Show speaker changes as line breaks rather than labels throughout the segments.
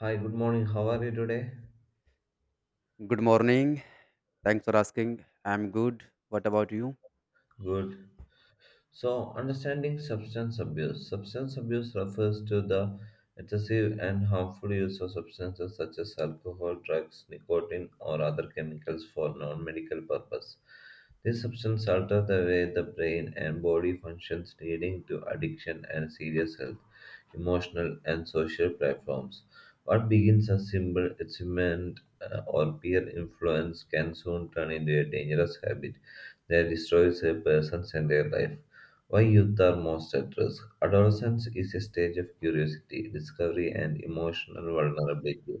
Hi, good morning. How are you today?
Good morning. Thanks for asking. I'm good. What about you?
Good. So, understanding substance abuse. Substance abuse refers to the excessive and harmful use of substances such as alcohol, drugs, nicotine, or other chemicals for non medical purpose. These substances alter the way the brain and body functions, leading to addiction and serious health, emotional, and social platforms. What begins as simple achievement or peer influence can soon turn into a dangerous habit that destroys a person's entire life. Why youth are most at risk? Adolescence is a stage of curiosity, discovery, and emotional vulnerability.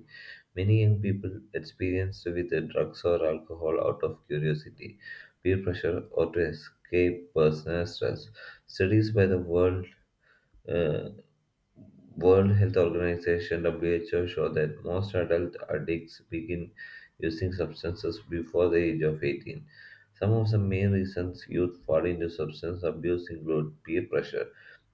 Many young people experience with drugs or alcohol out of curiosity, peer pressure, or to escape personal stress. Studies by the uh, World Health Organization (WHO) show that most adult addicts begin using substances before the age of 18. Some of the main reasons youth fall into substance abuse include peer pressure,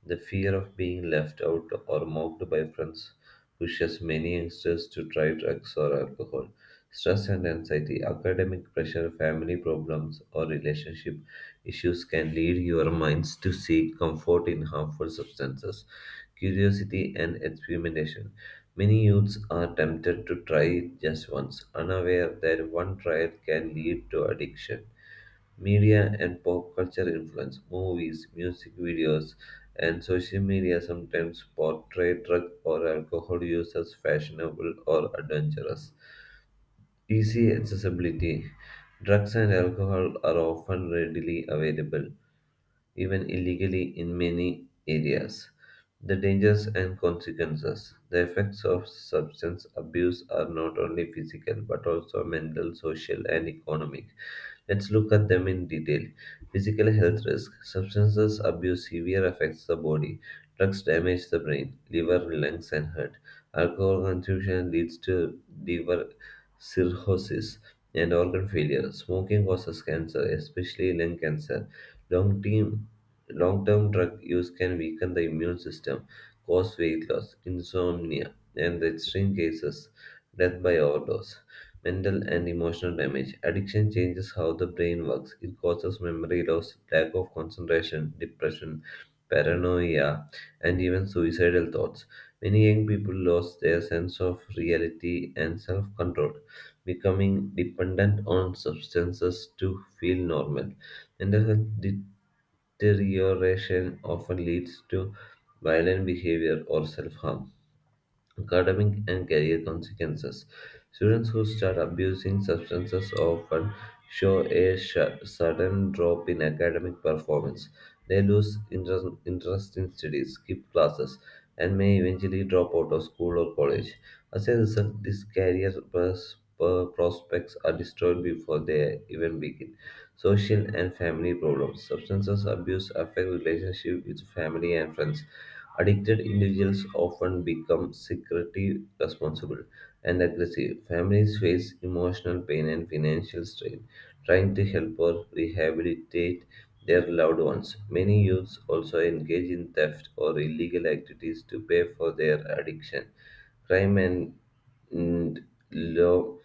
the fear of being left out or mocked by friends pushes many youngsters to try drugs or alcohol. Stress and anxiety, academic pressure, family problems, or relationship issues can lead your minds to seek comfort in harmful substances curiosity, and experimentation. Many youths are tempted to try it just once, unaware that one trial can lead to addiction. Media and pop culture influence, movies, music videos, and social media sometimes portray drug or alcohol use as fashionable or adventurous. Easy accessibility. Drugs and alcohol are often readily available, even illegally, in many areas. The dangers and consequences. The effects of substance abuse are not only physical but also mental, social, and economic. Let's look at them in detail. Physical health risk. Substances abuse severe affects the body. Drugs damage the brain, liver, lungs, and heart. Alcohol consumption leads to liver cirrhosis and organ failure. Smoking causes cancer, especially lung cancer. Long-term, long-term drug use can weaken the immune system, cause weight loss, insomnia, and in extreme cases, death by overdose. Mental and emotional damage. Addiction changes how the brain works. It causes memory loss, lack of concentration, depression, paranoia, and even suicidal thoughts. Many young people lose their sense of reality and self control, becoming dependent on substances to feel normal. Mental health deterioration often leads to violent behavior or self harm academic and career consequences. Students who start abusing substances often show a sudden drop in academic performance. They lose interest in studies, skip classes, and may eventually drop out of school or college. As a result, these career prospects are destroyed before they even begin. Social and family problems. Substances abuse affect relationship with family and friends. Addicted individuals often become secretive, responsible, and aggressive. Families face emotional pain and financial strain trying to help or rehabilitate their loved ones. Many youths also engage in theft or illegal activities to pay for their addiction. Crime and law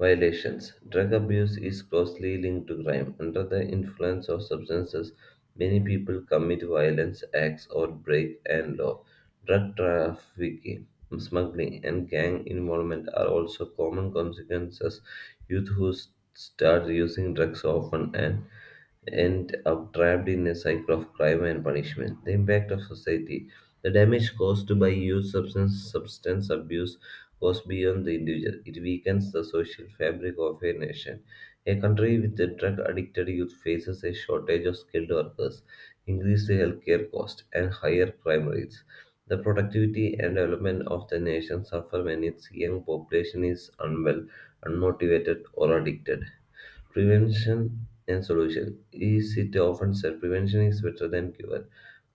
violations. Drug abuse is closely linked to crime. Under the influence of substances, many people commit violence acts or break and law. Drug trafficking, smuggling, and gang involvement are also common consequences. Youth who start using drugs often and end up trapped in a cycle of crime and punishment. The impact of society. The damage caused by youth substance abuse goes beyond the individual. It weakens the social fabric of a nation. A country with a drug addicted youth faces a shortage of skilled workers, increased healthcare costs, and higher crime rates. The productivity and development of the nation suffer when its young population is unwell, unmotivated, or addicted. Prevention and solution. Is it often said prevention is better than cure?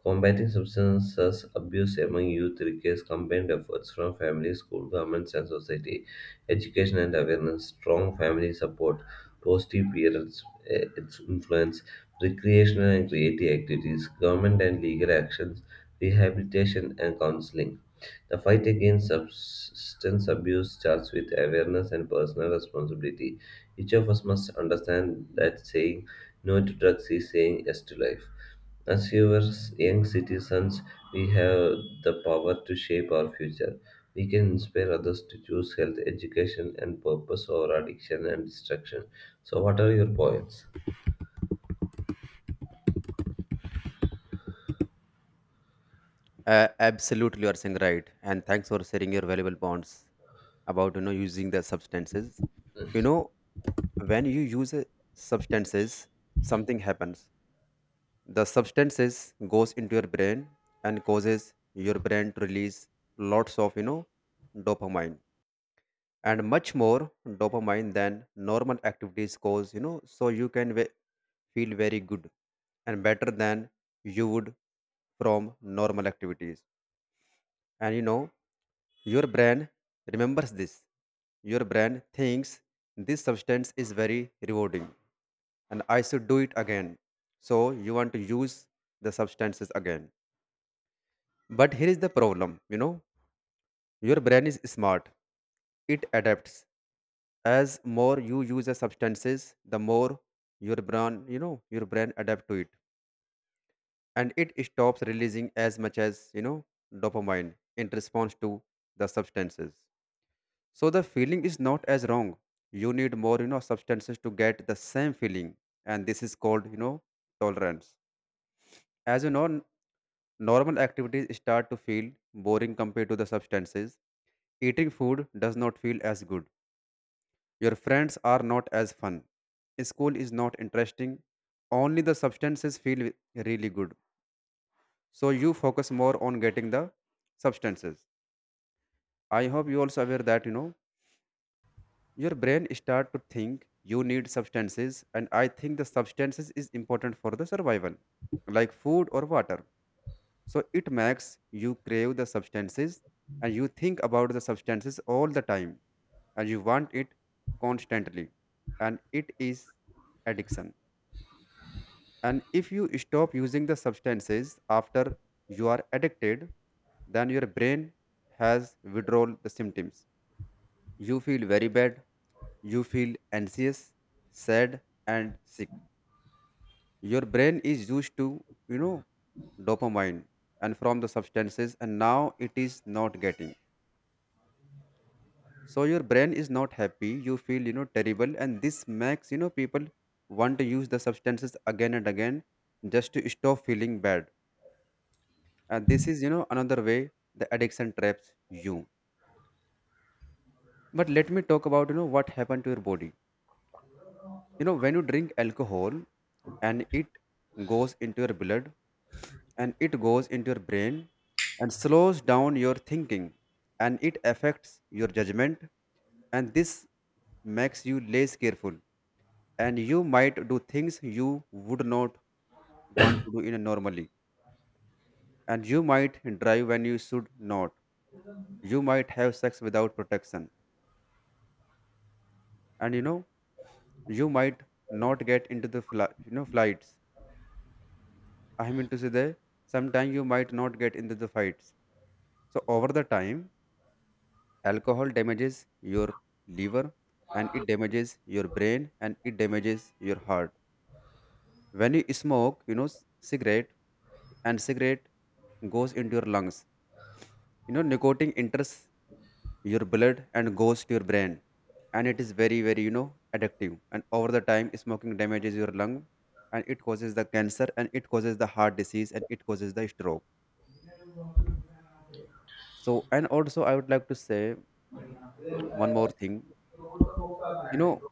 Combating substance abuse among youth requires combined efforts from families, school, governments, and society. Education and awareness, strong family support, positive its influence, recreational and creative activities, government and legal actions, rehabilitation and counseling. The fight against substance abuse starts with awareness and personal responsibility. Each of us must understand that saying no to drugs is saying yes to life. As viewers, young citizens, we have the power to shape our future. We can inspire others to choose health, education, and purpose over addiction and destruction. So, what are your points?
Absolutely, you are saying right. And thanks for sharing your valuable points about using the substances. You know, when you use a substances, something happens. The substances goes into your brain and causes your brain to release lots of, you know, dopamine, and much more dopamine than normal activities cause, you know, so you can feel very good and better than you would from normal activities. And, you know, your brain remembers this. Your brain thinks this substance is very rewarding and I should do it again, so you want to use the substances again. But here is the problem, you know. Your brain is smart. It adapts. As more you use the substances, the more your brain, you know, your brain adapt to it. And it stops releasing as much as, you know, dopamine in response to the substances. So the feeling is not as wrong. You need more, you know, substances to get the same feeling. And this is called, you know, tolerance. As you know, normal activities start to feel boring compared to the substances. Eating food does not feel as good. Your friends are not as fun. School is not interesting. Only the substances feel really good. So you focus more on getting the substances. I hope you also aware that, you know, your brain start to think you need substances, and I think the substances is important for the survival, like food or water. So it makes you crave the substances, and you think about the substances all the time, and you want it constantly, and it is addiction. And if you stop using the substances after you are addicted, then your brain has withdrawal the symptoms. You feel very bad, you feel anxious, sad, and sick. Your brain is used to, you know, dopamine and from the substances, and now it is not getting. So your brain is not happy, you feel, you know, terrible, and this makes, you know, people want to use the substances again and again just to stop feeling bad. And this is, you know, another way the addiction traps you. But let me talk about, you know, what happened to your body. You know, when you drink alcohol and it goes into your blood and it goes into your brain and slows down your thinking and it affects your judgment, and this makes you less careful, and you might do things you would not want to do in a normally, and you might drive when you should not, you might have sex without protection, and, you know, you might not get into the flights. I mean to say that sometimes you might not get into the fights. So over the time, alcohol damages your liver, and it damages your brain, and it damages your heart. When you smoke, you know, cigarette, and cigarette goes into your lungs. You know, nicotine enters your blood and goes to your brain, and it is very very, you know, addictive, and over the time, smoking damages your lung, and it causes the cancer, and it causes the heart disease, and it causes the stroke. So and also I would like to say one more thing. You know,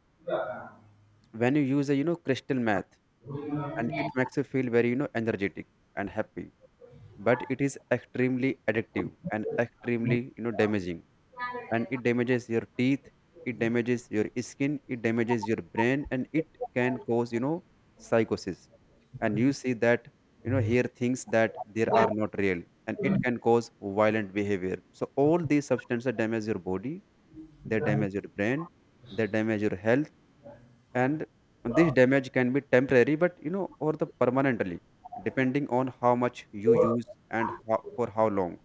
when you use a, you know, crystal meth, and it makes you feel very, you know, energetic and happy, but it is extremely addictive and extremely, you know, damaging, and it damages your teeth, it damages your skin, it damages your brain, and it can cause, you know, psychosis, and you see that, you know, here things that there are not real, and it can cause violent behavior. So all these substances damage your body, they damage your brain, they damage your health, and this damage can be temporary but, you know, or the permanently, depending on how much you use and how, for how long.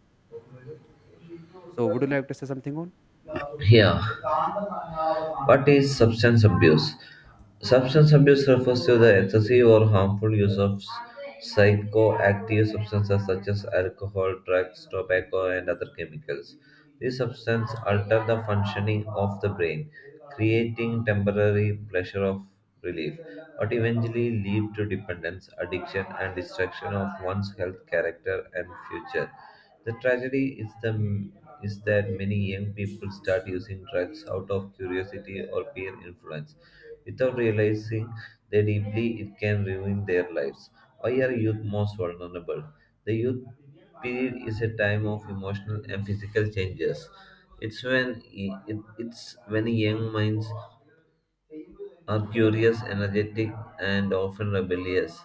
So would you like to say something on
Yeah. What is substance abuse? Substance abuse refers to the excessive or harmful use of psychoactive substances such as alcohol, drugs, tobacco, and other chemicals. These substances alter the functioning of the brain, creating temporary pleasure of relief, but eventually lead to dependence, addiction, and destruction of one's health, character, and future. The tragedy is the is that many young people start using drugs out of curiosity or peer influence, without realizing that deeply it can ruin their lives. Why are youth most vulnerable? The youth period is a time of emotional and physical changes. It's when it, it's when young minds are curious, energetic, and often rebellious.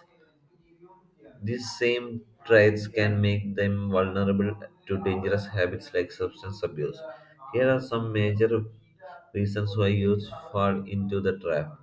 These same traits can make them vulnerable to dangerous habits like substance abuse. Here are some major reasons why youths fall into the trap.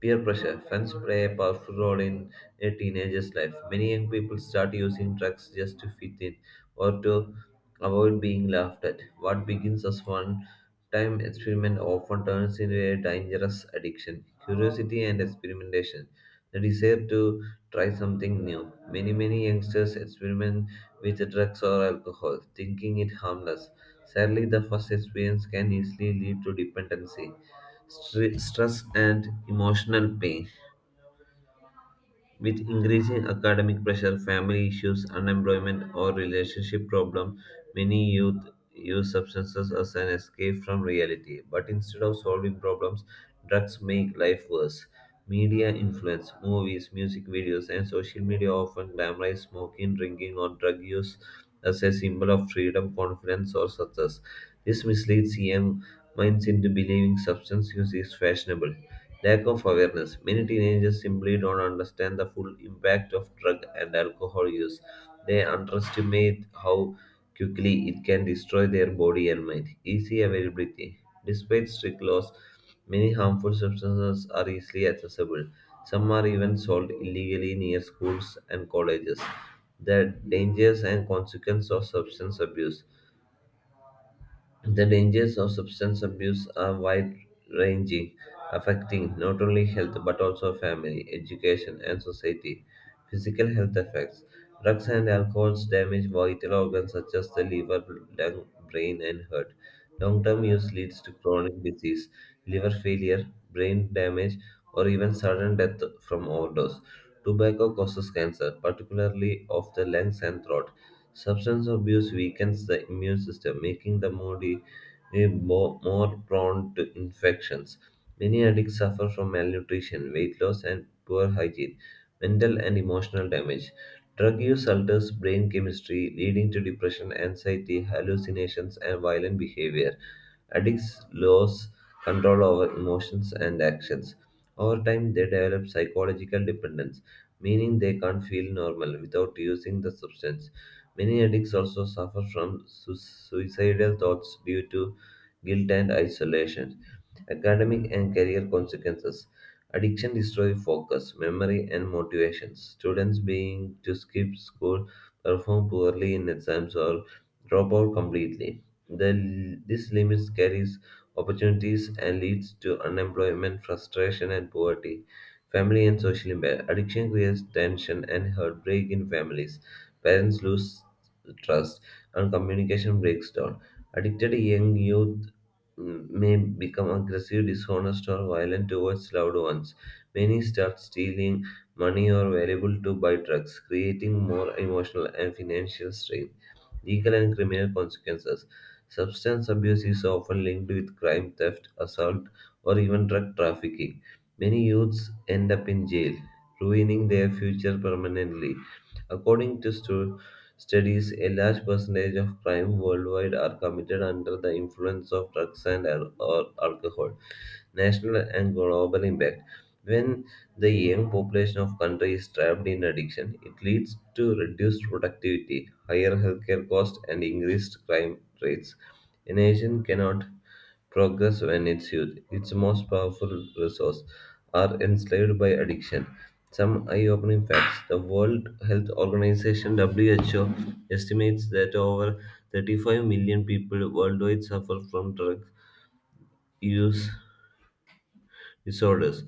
Peer pressure. Friends play a powerful role in a teenager's life. Many young people start using drugs just to fit in or to avoid being laughed at. What begins as one time experiment often turns into a dangerous addiction. Curiosity and experimentation. The desire to try something new. Many youngsters experiment with drugs or alcohol, thinking it harmless. Sadly, the first experience can easily lead to dependency stress and emotional pain. With increasing academic pressure, family issues, unemployment, or relationship problems, many youth use substances as an escape from reality. But instead of solving problems, drugs make life worse. Media influence, movies, music videos, and social media often glamorize smoking, drinking, or drug use as a symbol of freedom, confidence, or success. This misleads young minds into believing substance use is fashionable. Lack of awareness. Many teenagers simply don't understand the full impact of drug and alcohol use. They underestimate how quickly it can destroy their body and mind. Easy availability. Despite strict laws, many harmful substances are easily accessible. Some are even sold illegally near schools and colleges. The dangers and consequences of substance abuse. The dangers of substance abuse are wide ranging, affecting not only health but also family, education, and society. Physical health effects. Drugs and alcohols damage vital organs such as the liver, lung, brain, and heart. Long term use leads to chronic disease, liver failure, brain damage, or even sudden death from overdose. Tobacco causes cancer, particularly of the lungs and throat. Substance abuse weakens the immune system, making the body more prone to infections. Many addicts suffer from malnutrition, weight loss, and poor hygiene, mental and emotional damage. Drug use alters brain chemistry, leading to depression, anxiety, hallucinations, and violent behavior. Addicts lose control over emotions and actions. Over time, they develop psychological dependence, meaning they can't feel normal without using the substance. Many addicts also suffer from suicidal thoughts due to guilt and isolation academic and career consequences. Addiction destroys focus, memory, and motivation. Students being to skip school, perform poorly in exams, or drop out completely. This limits carries opportunities and leads to unemployment, frustration, and poverty. Family and social impact. Addiction creates tension and heartbreak in families. Parents lose trust, and communication breaks down. Addicted young youth may become aggressive, dishonest, or violent towards loved ones. Many start stealing money or valuable to buy drugs, creating more emotional and financial strain. Legal and criminal consequences. Substance abuse is often linked with crime, theft, assault, or even drug trafficking. Many youths end up in jail, ruining their future permanently. According to studies, a large percentage of crime worldwide are committed under the influence of drugs and or alcohol national and global impact. When the young population of country is trapped in addiction, it leads to reduced productivity, higher healthcare costs, and increased crime rates. A nation cannot progress when its youth, its most powerful resource, are enslaved by addiction. Some eye-opening facts: the World Health Organization (WHO) estimates that over 35 million people worldwide suffer from drug use disorders.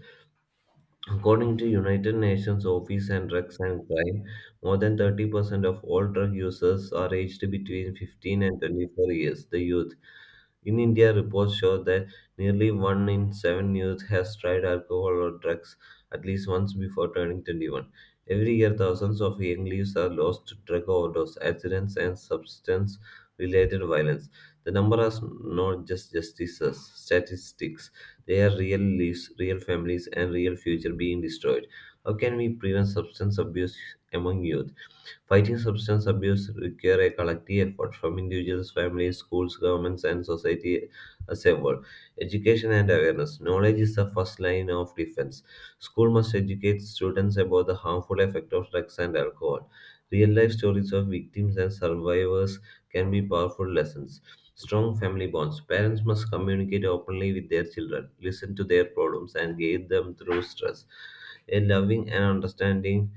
According to United Nations Office on Drugs and Crime, more than 30% of all drug users are aged between 15 and 24 years, the youth. In India, reports show that nearly one in seven youth has tried alcohol or drugs at least once before turning 21. Every year, thousands of young lives are lost to drug overdose, accidents, and substance related violence. The number is not just justices, statistics. They are real lives, real families, and real future being destroyed. How can we prevent substance abuse among youth? Fighting substance abuse requires a collective effort from individuals, families, schools, governments, and society as a whole. Education and awareness. Knowledge is the first line of defense. School must educate students about the harmful effect of drugs and alcohol. Real life stories of victims and survivors can be powerful lessons. Strong family bonds. Parents must communicate openly with their children, listen to their problems, and guide them through stress. A loving and understanding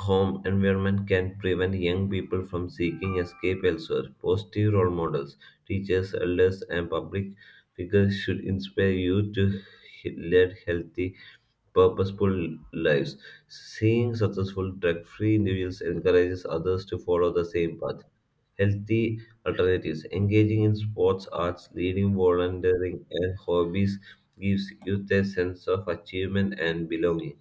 home environment can prevent young people from seeking escape elsewhere. Positive role models, teachers, elders, and public figures should inspire you to lead healthy, purposeful lives. Seeing successful, drug free individuals encourages others to follow the same path. Healthy alternatives, engaging in sports, arts, leading volunteering, and hobbies gives youth a sense of achievement and belonging.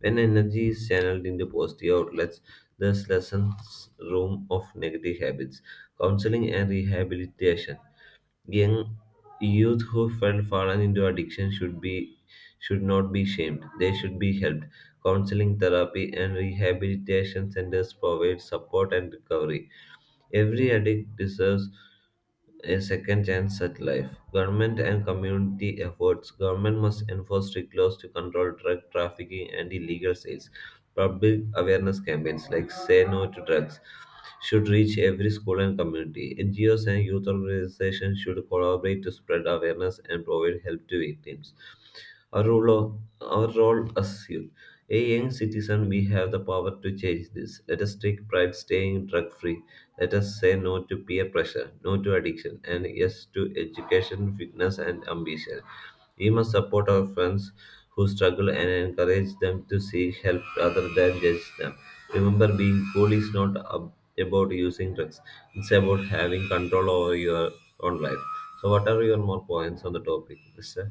When energy is channeled into positive outlets, thus lessens room of negative habits. Counseling and rehabilitation. Young youth who fell fallen into addiction should not be shamed. They should be helped. Counseling therapy and rehabilitation centers provide support and recovery. Every addict deserves a second chance at life. Government and community efforts. Government must enforce strict laws to control drug trafficking and illegal sales. Public awareness campaigns like Say No to Drugs should reach every school and community. NGOs and youth organizations should collaborate to spread awareness and provide help to victims. Our role as youth. A young citizen, we have the power to change this. Let us take pride staying drug free. Let us say no to peer pressure, no to addiction, and yes to education, fitness, and ambition. We must support our friends who struggle and encourage them to seek help rather than judge them. Remember, being cool is not about using drugs, it's about having control over your own life. So, what are your more points on the topic, Mr.?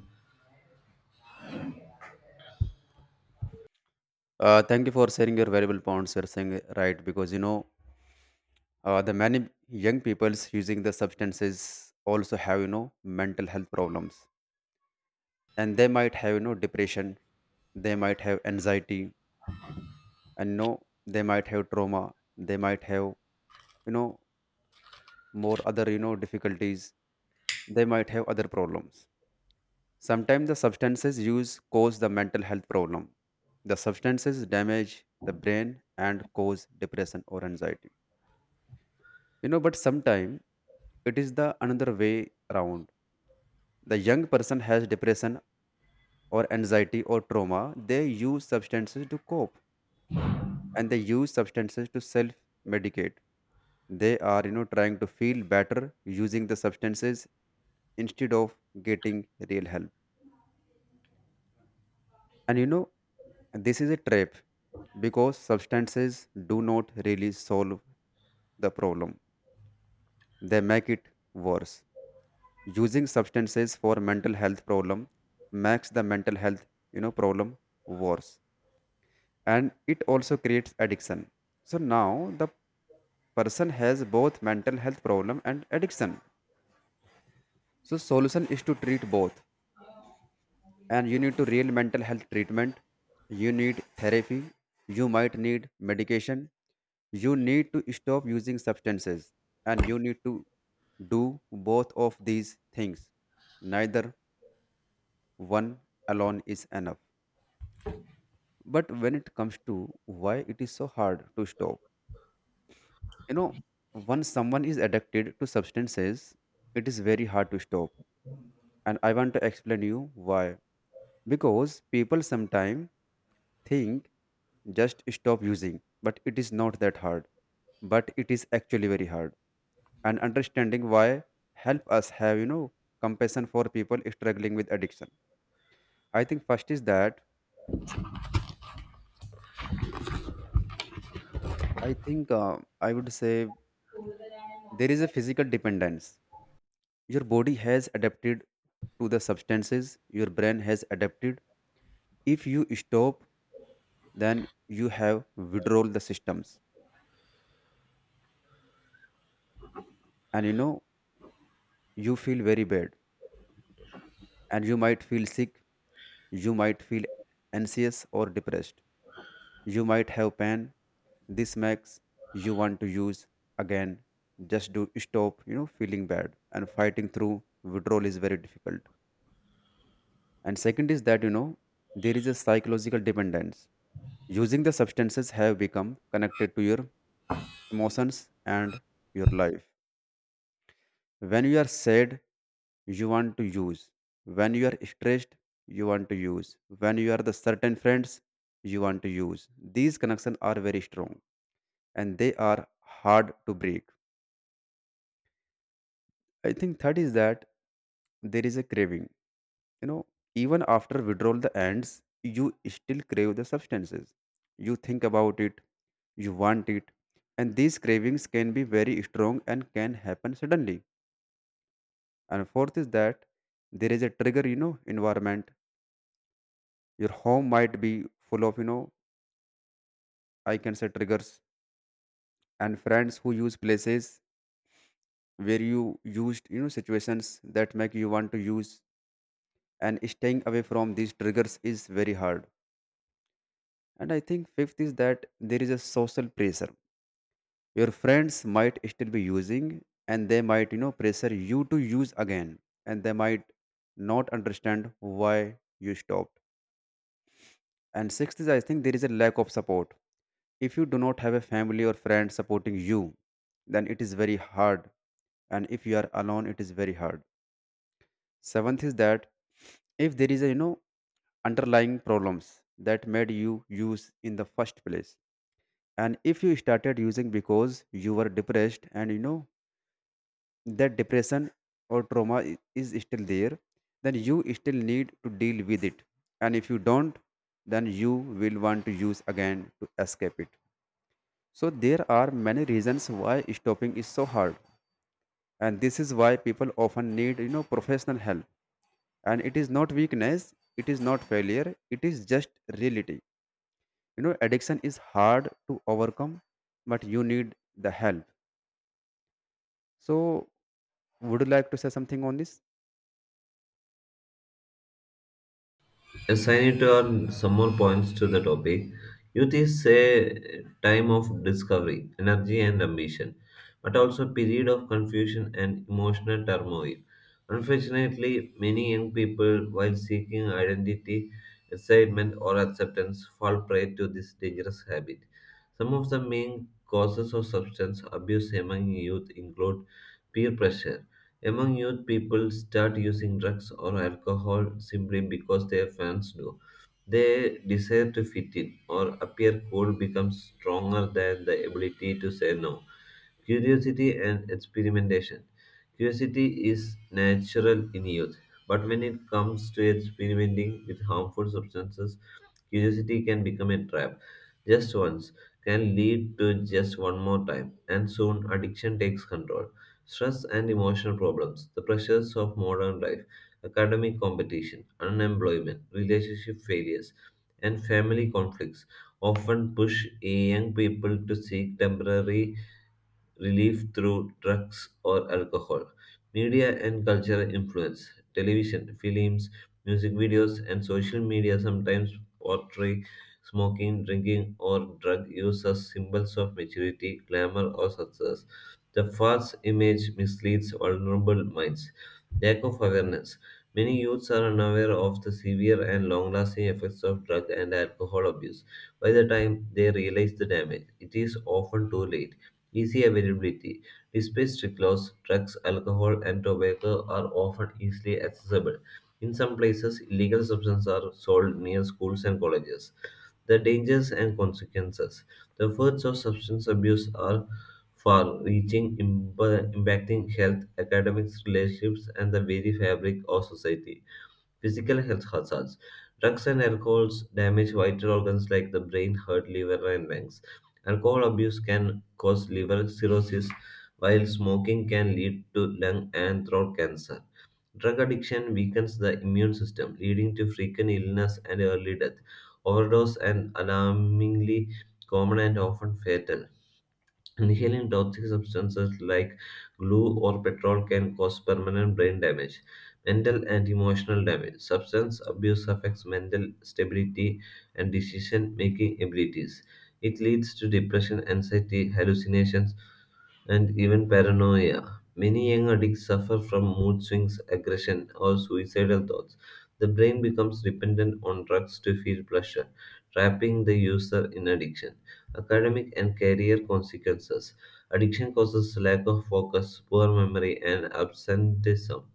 Thank you for sharing your valuable points. You're saying right because, you know, the many young people's using the substances also have, you know, mental health problems, and they might have, you know, depression, they might have anxiety, and, you know, they might have trauma, they might have, you know, more other, you know, difficulties, they might have other problems. Sometimes the substances used cause the mental health problem. The substances damage the brain and cause depression or anxiety. You know, but sometimes it is the another way around. The young person has depression or anxiety or trauma. They use substances to cope, and they use substances to self medicate. They are, you know, trying to feel better using the substances instead of getting real help. And, you know, this is a trap because substances do not really solve the problem, they make it worse. Using substances for mental health problem makes the mental health, you know, problem worse, and it also creates addiction. So now the person has both mental health problem and addiction. So solution is to treat both, and you need to real mental health treatment, you need therapy, you might need medication, you need to stop using substances, and you need to do both of these things. Neither one alone is enough. But when it comes to why it is so hard to stop, you know, once someone is addicted to substances, it is very hard to stop. And I want to explain you why. Because people sometimes think just stop using, but it is not that hard. But it is actually very hard. And understanding why help us have, you know, compassion for people struggling with addiction. I think first is that I would say there is a physical dependence. Your body has adapted to the substances, your brain has adapted. If you stop, then you have withdrawal the systems. And, you know, you feel very bad. And you might feel sick. You might feel anxious or depressed. You might have pain. This makes you want to use again. Just do stop, you know, feeling bad. And fighting through withdrawal is very difficult. And second is that, you know, there is a psychological dependence. Using the substances have become connected to your emotions and your life. When you are sad, you want to use. When you are stressed, you want to use. When you are the certain friends, you want to use. These connections are very strong, and they are hard to break. I think third is that there is a craving. You know, even after withdrawal the ends, you still crave the substances, you think about it, you want it, and these cravings can be very strong and can happen suddenly. And fourth is that there is a trigger, you know, environment. Your home might be full of, you know, I can say triggers, and friends who use, places where you used, you know, situations that make you want to use, and staying away from these triggers is very hard. And I think fifth is that there is a social pressure. Your friends might still be using, and they might, you know, pressure you to use again, and they might not understand why you stopped. And sixth is, I think, there is a lack of support. If you do not have a family or friend supporting you, then it is very hard. And if you are alone, it is very hard. Seventh is that if there is a, you know, underlying problems that made you use in the first place, and if you started using because you were depressed, and, you know, that depression or trauma is still there, then you still need to deal with it. And if you don't, then you will want to use again to escape it. So there are many reasons why stopping is so hard, and this is why people often need, you know, professional help. And it is not weakness, it is not failure, it is just reality. You know, addiction is hard to overcome, but you need the help. So would you like to say something on this?
Yes, I need to earn some more points to the topic. Youth is a time of discovery, energy, and ambition, but also a period of confusion and emotional turmoil. Unfortunately, many young people, while seeking identity, excitement, or acceptance, fall prey to this dangerous habit. Some of the main causes of substance abuse among youth include peer pressure among youth, people start using drugs or alcohol simply because their friends do. Their desire to fit in or appear cool becomes stronger than the ability to say no. Curiosity and experimentation. Curiosity is natural in youth, but when it comes to experimenting with harmful substances, curiosity can become a trap. Just once can lead to just one more time, and soon addiction takes control. Stress and emotional problems, the pressures of modern life, academic competition, unemployment, relationship failures, and family conflicts often push young people to seek temporary relief through drugs or alcohol. Media and cultural influence television, films, music videos, and social media sometimes portray smoking, drinking, or drug use as symbols of maturity, glamour, or success. The false image misleads vulnerable minds. Lack of awareness. Many youths are unaware of the severe and long lasting effects of drug and alcohol abuse. By the time they realize the damage, it is often too late. Easy availability. Despite strict laws, drugs, alcohol, and tobacco are often easily accessible. In some places, illegal substances are sold near schools and colleges. The dangers and consequences. The effects of substance abuse are far reaching, impacting health, academics, relationships, and the very fabric of society. Physical health hazards. Drugs and alcohols damage vital organs like the brain, heart, liver, and lungs. Alcohol abuse can cause liver cirrhosis, while smoking can lead to lung and throat cancer. Drug addiction weakens the immune system, leading to frequent illness and early death. Overdose and alarmingly common and often fatal. Inhaling toxic substances like glue or petrol can cause permanent brain damage, mental and emotional damage. Substance abuse affects mental stability and decision making abilities. It leads to depression, anxiety, hallucinations, and even paranoia. Many young addicts suffer from mood swings, aggression, or suicidal thoughts. The brain becomes dependent on drugs to feel pleasure, trapping the user in addiction. Academic and career consequences. Addiction causes lack of focus, poor memory, and absenteeism.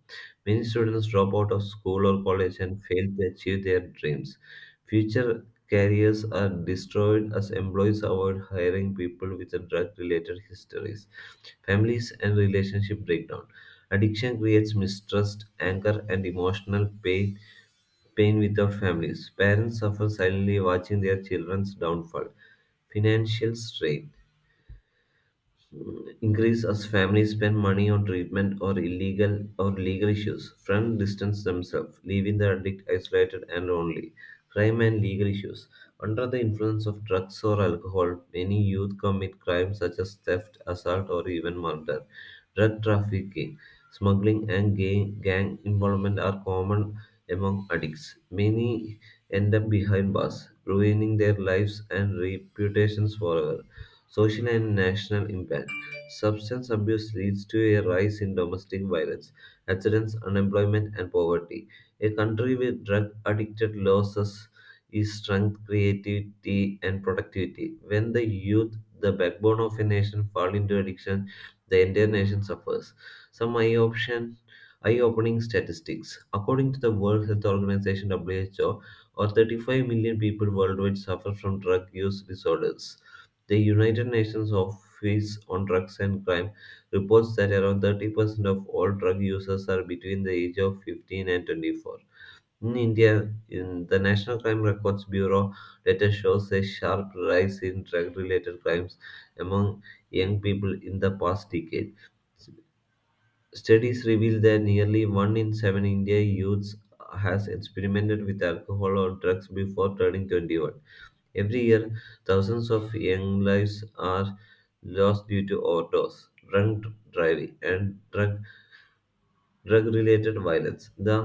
Many students drop out of school or college and fail to achieve their dreams. Future careers are destroyed as employees avoid hiring people with drug related histories. Families and relationship breakdown. Addiction creates mistrust, anger, and emotional pain with our families. Parents suffer silently watching their children's downfall. Financial strain increase as families spend money on treatment or illegal or legal issues. Friends distance themselves, leaving the addict isolated and lonely. Crime and legal issues. Under the influence of drugs or alcohol, many youth commit crimes such as theft, assault, or even murder. Drug trafficking, smuggling, and gang involvement are common among addicts. Many end up behind bars, ruining their lives and reputations forever. Social and national impact. Substance abuse leads to a rise in domestic violence, accidents, unemployment, and poverty. A country with drug addicted loses its strength, creativity, and productivity. When the youth, the backbone of a nation, fall into addiction, the entire nation suffers. Some eye-opening statistics. According to the World Health Organization (WHO), or 35 million people worldwide suffer from drug use disorders. The United Nations Office on Drugs and Crime reports that around 30% of all drug users are between the age of 15 and 24. In India, in the National Crime Records Bureau data shows a sharp rise in drug related crimes among young people in the past decade. Studies reveal that nearly one in seven Indian youths has experimented with alcohol or drugs before turning 21. Every year, thousands of young lives are lost due to overdose, drunk driving, and drug-related violence. The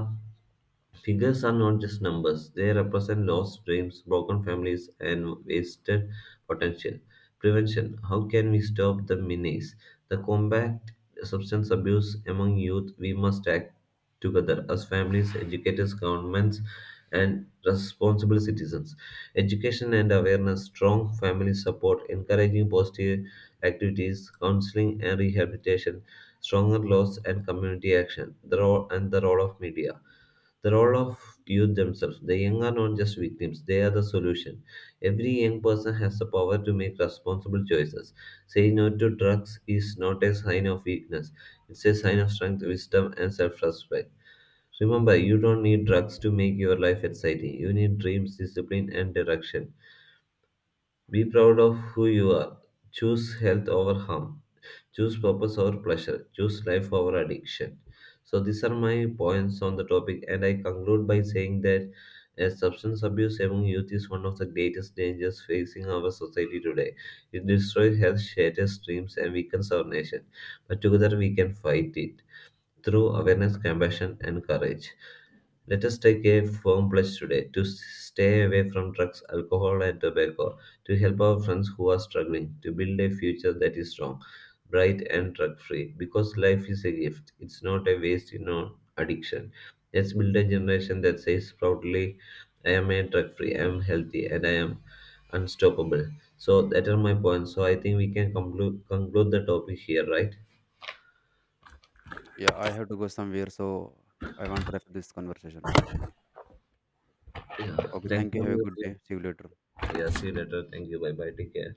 figures are not just numbers, they represent lost dreams, broken families, and wasted potential. Prevention. How can we stop the menace? The combat substance abuse among youth, we must act together as families, educators, governments, and responsible citizens. Education and awareness, strong family support, encouraging positive activities, counseling and rehabilitation, stronger laws and community action, the role and the role of media. The role of youth themselves. The young are not just victims, they are the solution. Every young person has the power to make responsible choices. Saying no to drugs is not a sign of weakness, it's a sign of strength, wisdom, and self respect. Remember, you don't need drugs to make your life exciting. You need dreams, discipline, and direction. Be proud of who you are. Choose health over harm. Choose purpose over pleasure. Choose life over addiction. So, these are my points on the topic, and I conclude by saying that substance abuse among youth is one of the greatest dangers facing our society today. It destroys health, shatters dreams, and weakens our nation. But together we can fight it through awareness, compassion, and courage. Let us take a firm pledge today to stay away from drugs, alcohol, and tobacco, to help our friends who are struggling, to build a future that is strong, bright, and drug free. Because life is a gift, it's not a waste in on addiction. Let's build a generation that says proudly, I am a drug free, I am healthy, and I am unstoppable. So, that are my points. So, I think we can conclude the topic here, right?
Yeah, I have to go somewhere, so I want to wrap this conversation.
Yeah.
Okay,
Thank
thank you. Have a
you.
good day. See you later.
Yeah, see you later. Thank you. Bye bye. Take care.